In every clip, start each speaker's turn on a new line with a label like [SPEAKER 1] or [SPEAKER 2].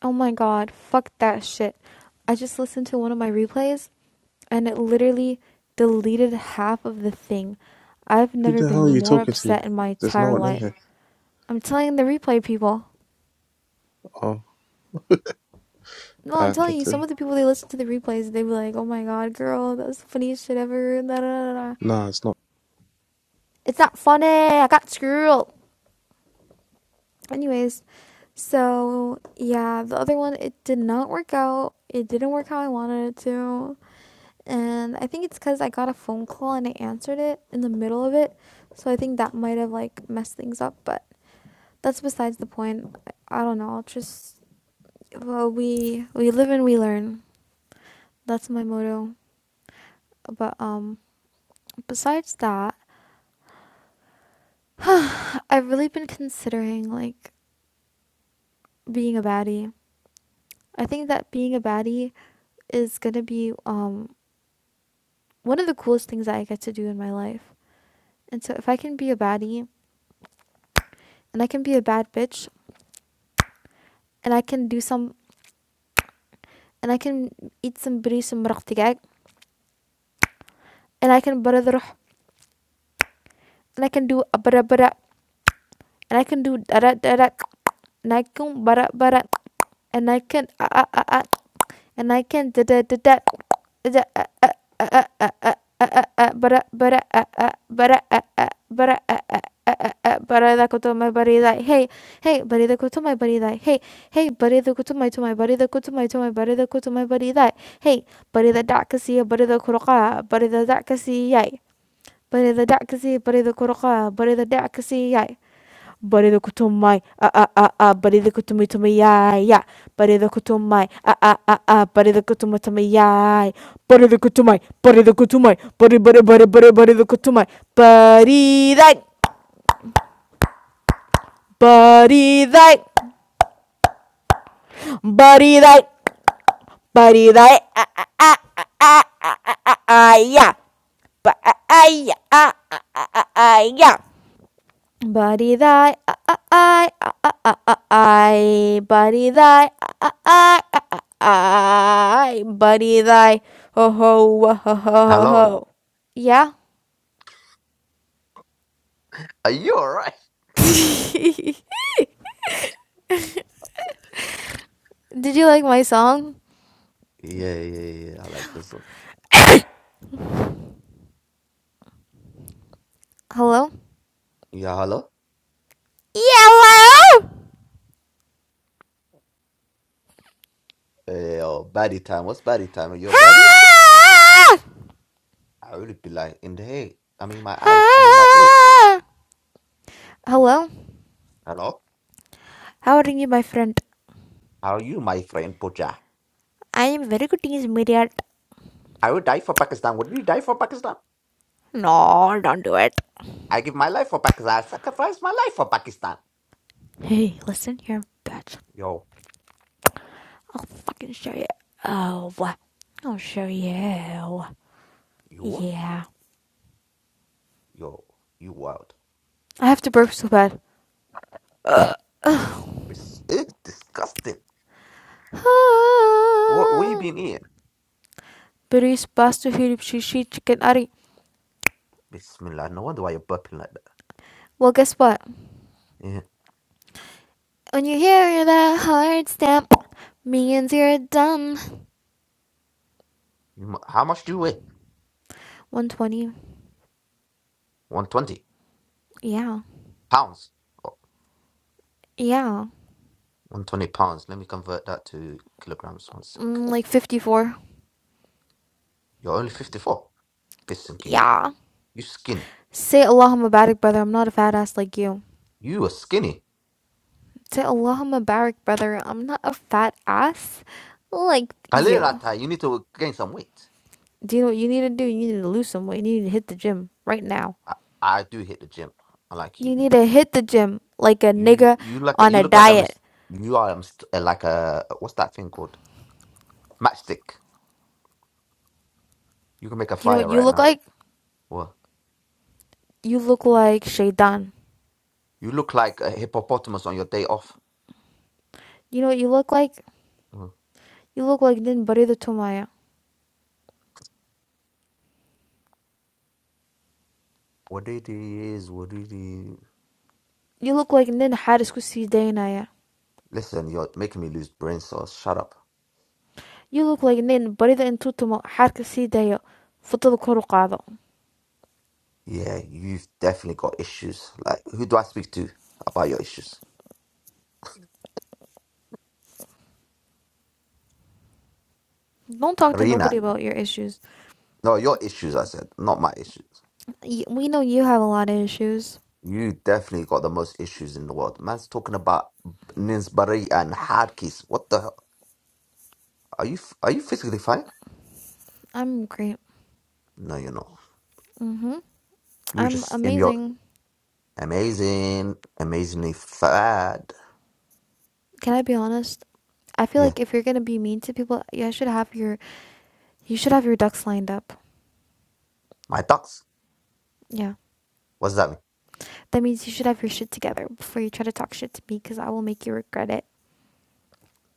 [SPEAKER 1] Oh my god, fuck that shit. I just listened to one of my replays and it literally deleted half of the thing. I've
[SPEAKER 2] Who
[SPEAKER 1] never
[SPEAKER 2] the hell are
[SPEAKER 1] been
[SPEAKER 2] you
[SPEAKER 1] more
[SPEAKER 2] talking to?
[SPEAKER 1] upset in my
[SPEAKER 2] There's no
[SPEAKER 1] entire
[SPEAKER 2] one in
[SPEAKER 1] life.
[SPEAKER 2] here.
[SPEAKER 1] I'm telling the replay people.
[SPEAKER 2] Oh,
[SPEAKER 1] No, I'm
[SPEAKER 2] I
[SPEAKER 1] telling
[SPEAKER 2] got
[SPEAKER 1] you,
[SPEAKER 2] to.
[SPEAKER 1] some of the people they listen to the replays, they be like, "Oh my god, girl, that was the funniest shit ever." Da, da, da, da.
[SPEAKER 2] Nah, it's not.
[SPEAKER 1] It's not funny. I got screwed. Anyways, so yeah, the other one it did not work out. It didn't work how I wanted it to. and I think it's because I got a phone call and I answered it in the middle of it, so I think that might have like messed things up. But that's besides the point. I don't know. I'll Just well, we we live and we learn. That's my motto. But um, besides that, I've really been considering like being a baddie. I think that being a baddie is gonna be um one of the coolest things that I get to do in my life. And so if I can be a baddie and I can be a bad bitch and I can do some and I can eat some buri some maraqtigag, and I can bara the ruh, and I can do a bara bara, and I can do da da da da, and I can bara bara, and I can ah ah ah ah. and I can da da da da da uh, uh, uh, uh, uh, uh, uh, uh, uh, uh, bara bara uh, uh, bara uh, uh, bara uh, uh, uh, uh, uh, bara the koto my body like hey hey body the koto my body like hey hey body the koto my to my body the koto my to my body the koto my body like hey body the dakasi body the koroka body the dakasi yay body the dakasi body the koroka body the dakasi yay Bareda kutumai ah ah ah ah bareda kutumi tumi yai ya bareda kutumai ah ah ah ah bareda kutumi ya. yai bareda kutumai bareda kutumai bari bari bari bari bareda kutumai bari that bari that bari that bari that ah ah ah ah ah ah ah ya. ah, yeah ba ah ah yeah ah ah ah ah ya. Buddy thy I I uh, uh, uh, uh, I Buddy thy I I I Buddy thy ho ho ho ho ho
[SPEAKER 3] Hello.
[SPEAKER 1] Yeah?
[SPEAKER 3] Are you alright?
[SPEAKER 1] Did you like my song?
[SPEAKER 3] Yeah, yeah, yeah. I like this one.
[SPEAKER 1] Hello?
[SPEAKER 3] Yeah, hello.
[SPEAKER 1] Yellow!
[SPEAKER 3] Yeah, oh, baddie time. What's baddie time? Are you a baddie?
[SPEAKER 1] Ha!
[SPEAKER 3] I really be like in the hay. I mean my eyes. I mean my ears.
[SPEAKER 1] Ha! Hello?
[SPEAKER 3] Hello.
[SPEAKER 1] How are you, my friend?
[SPEAKER 3] How are you, my friend Pocha?
[SPEAKER 1] I am very good in this media.
[SPEAKER 3] I would die for Pakistan. Would you die for Pakistan?
[SPEAKER 1] No, don't do it.
[SPEAKER 3] I give my life for Pakistan. I sacrifice my life for Pakistan.
[SPEAKER 1] Hey, listen, you're a bad.
[SPEAKER 3] Yo,
[SPEAKER 1] I can show you. Oh, uh, I'll show you.
[SPEAKER 3] you? what?
[SPEAKER 1] Yeah.
[SPEAKER 3] Yo, you wild.
[SPEAKER 1] I have to burp so bad.
[SPEAKER 3] It's, it's disgusting. What, what you been eating?
[SPEAKER 1] Bruce Buster Philip Shishi Chicken Ari.
[SPEAKER 3] Bismillah. No wonder why you're burping like that.
[SPEAKER 1] Well, guess what?
[SPEAKER 3] Yeah.
[SPEAKER 1] When you hear that hard stamp, means you're done.
[SPEAKER 3] You mu- How much do you weigh?
[SPEAKER 1] 120.
[SPEAKER 3] 120
[SPEAKER 1] Yeah.
[SPEAKER 3] pounds.
[SPEAKER 1] Yeah.
[SPEAKER 3] 120 pounds. Let me convert that to kilograms. One sec.
[SPEAKER 1] Mm, like 54.
[SPEAKER 3] You're only 54. Pissing you.
[SPEAKER 1] Yeah.
[SPEAKER 3] You skinny.
[SPEAKER 1] Say Allahumma barak, brother. I'm not a fat ass like you.
[SPEAKER 3] You are skinny.
[SPEAKER 1] Say Allahumma barak, brother. I'm not a fat ass like
[SPEAKER 3] Khalil
[SPEAKER 1] you.
[SPEAKER 3] Atai, you need to gain some weight.
[SPEAKER 1] Do you know what you need to do? You need to lose some weight. You need to hit the gym right now.
[SPEAKER 3] I, I do hit the gym. I like you.
[SPEAKER 1] You need to hit the gym like a
[SPEAKER 3] You
[SPEAKER 1] nigga
[SPEAKER 3] you like
[SPEAKER 1] on
[SPEAKER 3] you
[SPEAKER 1] a
[SPEAKER 3] look like a
[SPEAKER 1] diet.
[SPEAKER 3] mis- you are a mis- uh, like a what's that thing called? Matchstick. You can make a
[SPEAKER 1] Do you know
[SPEAKER 3] fire
[SPEAKER 1] what you
[SPEAKER 3] right
[SPEAKER 1] look
[SPEAKER 3] now.
[SPEAKER 1] like?
[SPEAKER 3] Well,
[SPEAKER 1] You look like Shaitan.
[SPEAKER 3] you look like a hippopotamus on your day off.
[SPEAKER 1] You know what you look like?
[SPEAKER 3] Mm.
[SPEAKER 1] You look like Nin Barida Tumaya.
[SPEAKER 3] What it is, what it is.
[SPEAKER 1] You look like Nin Harisku Si Dayanaya.
[SPEAKER 3] Listen, you're making me lose brain cells. Shut up.
[SPEAKER 1] You look like Nin Barida Intutumo Harka Si Dayo. Futul Kurukado.
[SPEAKER 3] Yeah, you've definitely got issues. Like, who do I speak to about your issues?
[SPEAKER 1] Don't talk to
[SPEAKER 3] Rina.
[SPEAKER 1] nobody about your issues.
[SPEAKER 3] No, your issues, I said, not my issues.
[SPEAKER 1] We know you have a lot of issues.
[SPEAKER 3] You definitely got the most issues in the world. Man's talking about Ninsbury and hard keys. What the hell? Are you f- are you physically fine?
[SPEAKER 1] I'm great.
[SPEAKER 3] No, you're not.
[SPEAKER 1] hmm
[SPEAKER 3] You're
[SPEAKER 1] I'm
[SPEAKER 3] just in your
[SPEAKER 1] amazing.
[SPEAKER 3] amazing, amazingly fat.
[SPEAKER 1] can I be honest? I feel
[SPEAKER 3] Yeah,
[SPEAKER 1] like if you're gonna be mean to people, you should have your you should have your ducks lined up.
[SPEAKER 3] my ducks.
[SPEAKER 1] Yeah,
[SPEAKER 3] What does that mean?
[SPEAKER 1] that means you should have your shit together before you try to talk shit to me, because I will make you regret it.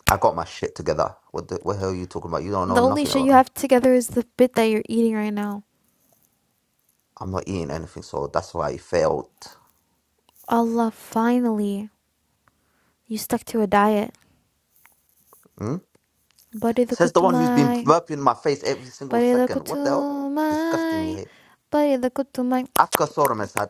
[SPEAKER 3] I got my shit together. What the what the hell are you talking about? You don't know
[SPEAKER 1] The only
[SPEAKER 3] nothing
[SPEAKER 1] shit
[SPEAKER 3] about
[SPEAKER 1] you
[SPEAKER 3] them.
[SPEAKER 1] have together is the bit that you're eating right now.
[SPEAKER 3] I'm not eating anything, so that's why I failed.
[SPEAKER 1] Allah, finally, you stuck to a diet.
[SPEAKER 3] Hmm?
[SPEAKER 1] Bari the
[SPEAKER 3] Says the one who's been
[SPEAKER 1] kutumai,
[SPEAKER 3] burping in my face every single
[SPEAKER 1] bari the
[SPEAKER 3] second. What the hell? Disgusting, you
[SPEAKER 1] kutumai,
[SPEAKER 3] hate.
[SPEAKER 1] bari the kutumai,
[SPEAKER 3] Afka Sormes had.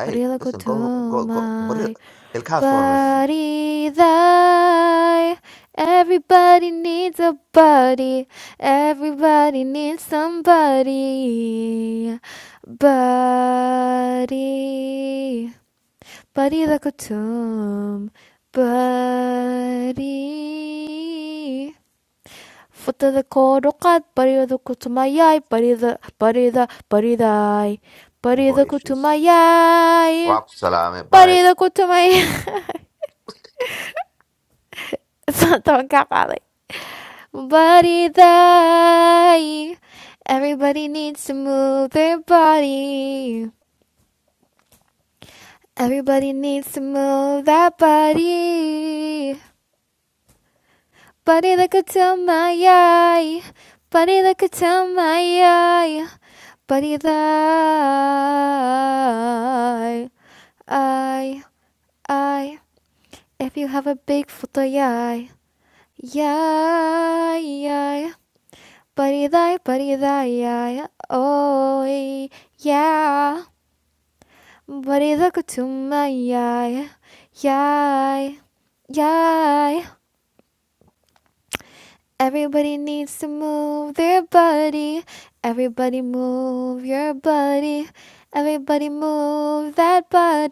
[SPEAKER 1] bari the
[SPEAKER 3] listen, go, go, go. But
[SPEAKER 1] kutumai.
[SPEAKER 3] Ilka Sormes,
[SPEAKER 1] Body thy. Everybody needs a body. Everybody needs somebody. Body. Body like a tomb. Body. Foot of the cold cut, body of the kutumaya, body of the body of the body thy.
[SPEAKER 3] you
[SPEAKER 1] Body of
[SPEAKER 3] got
[SPEAKER 1] the
[SPEAKER 3] issues.
[SPEAKER 1] kutumaya.
[SPEAKER 3] Wa alaikum salam.
[SPEAKER 1] Body
[SPEAKER 3] Bye.
[SPEAKER 1] of the kutumaya. Don't cap Body die. Everybody needs to move their body. Everybody needs to move that body. Body like a tell my eye. Body like a tell my eye. Body die. I, I. If you have a big foot, yeah, yeah, yeah. பரிதாய் பரிதாயாய ஓய் யா பரிதக்கு சும்மையாய யாய் யாய் Everybody needs to move their body. Everybody move your body. Everybody move that body.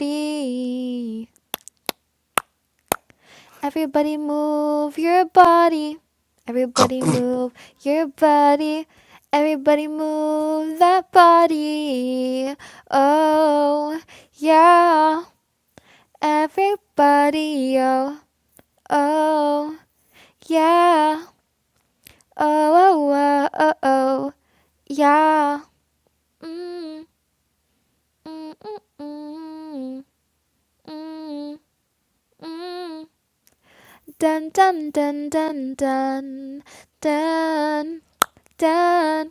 [SPEAKER 1] Everybody move your body. Everybody move your body. Everybody move that body. Oh, yeah. Everybody, oh, oh, yeah. Oh, oh, oh, oh, oh yeah. Mm, mm, mm, mm, mm, mm. Dun, dun, dun, dun, dun, dun. done.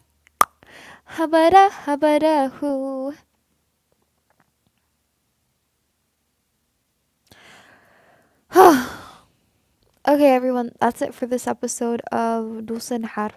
[SPEAKER 1] Habara habara hoo. okay, everyone, that's it for this episode of Dulce and Hara.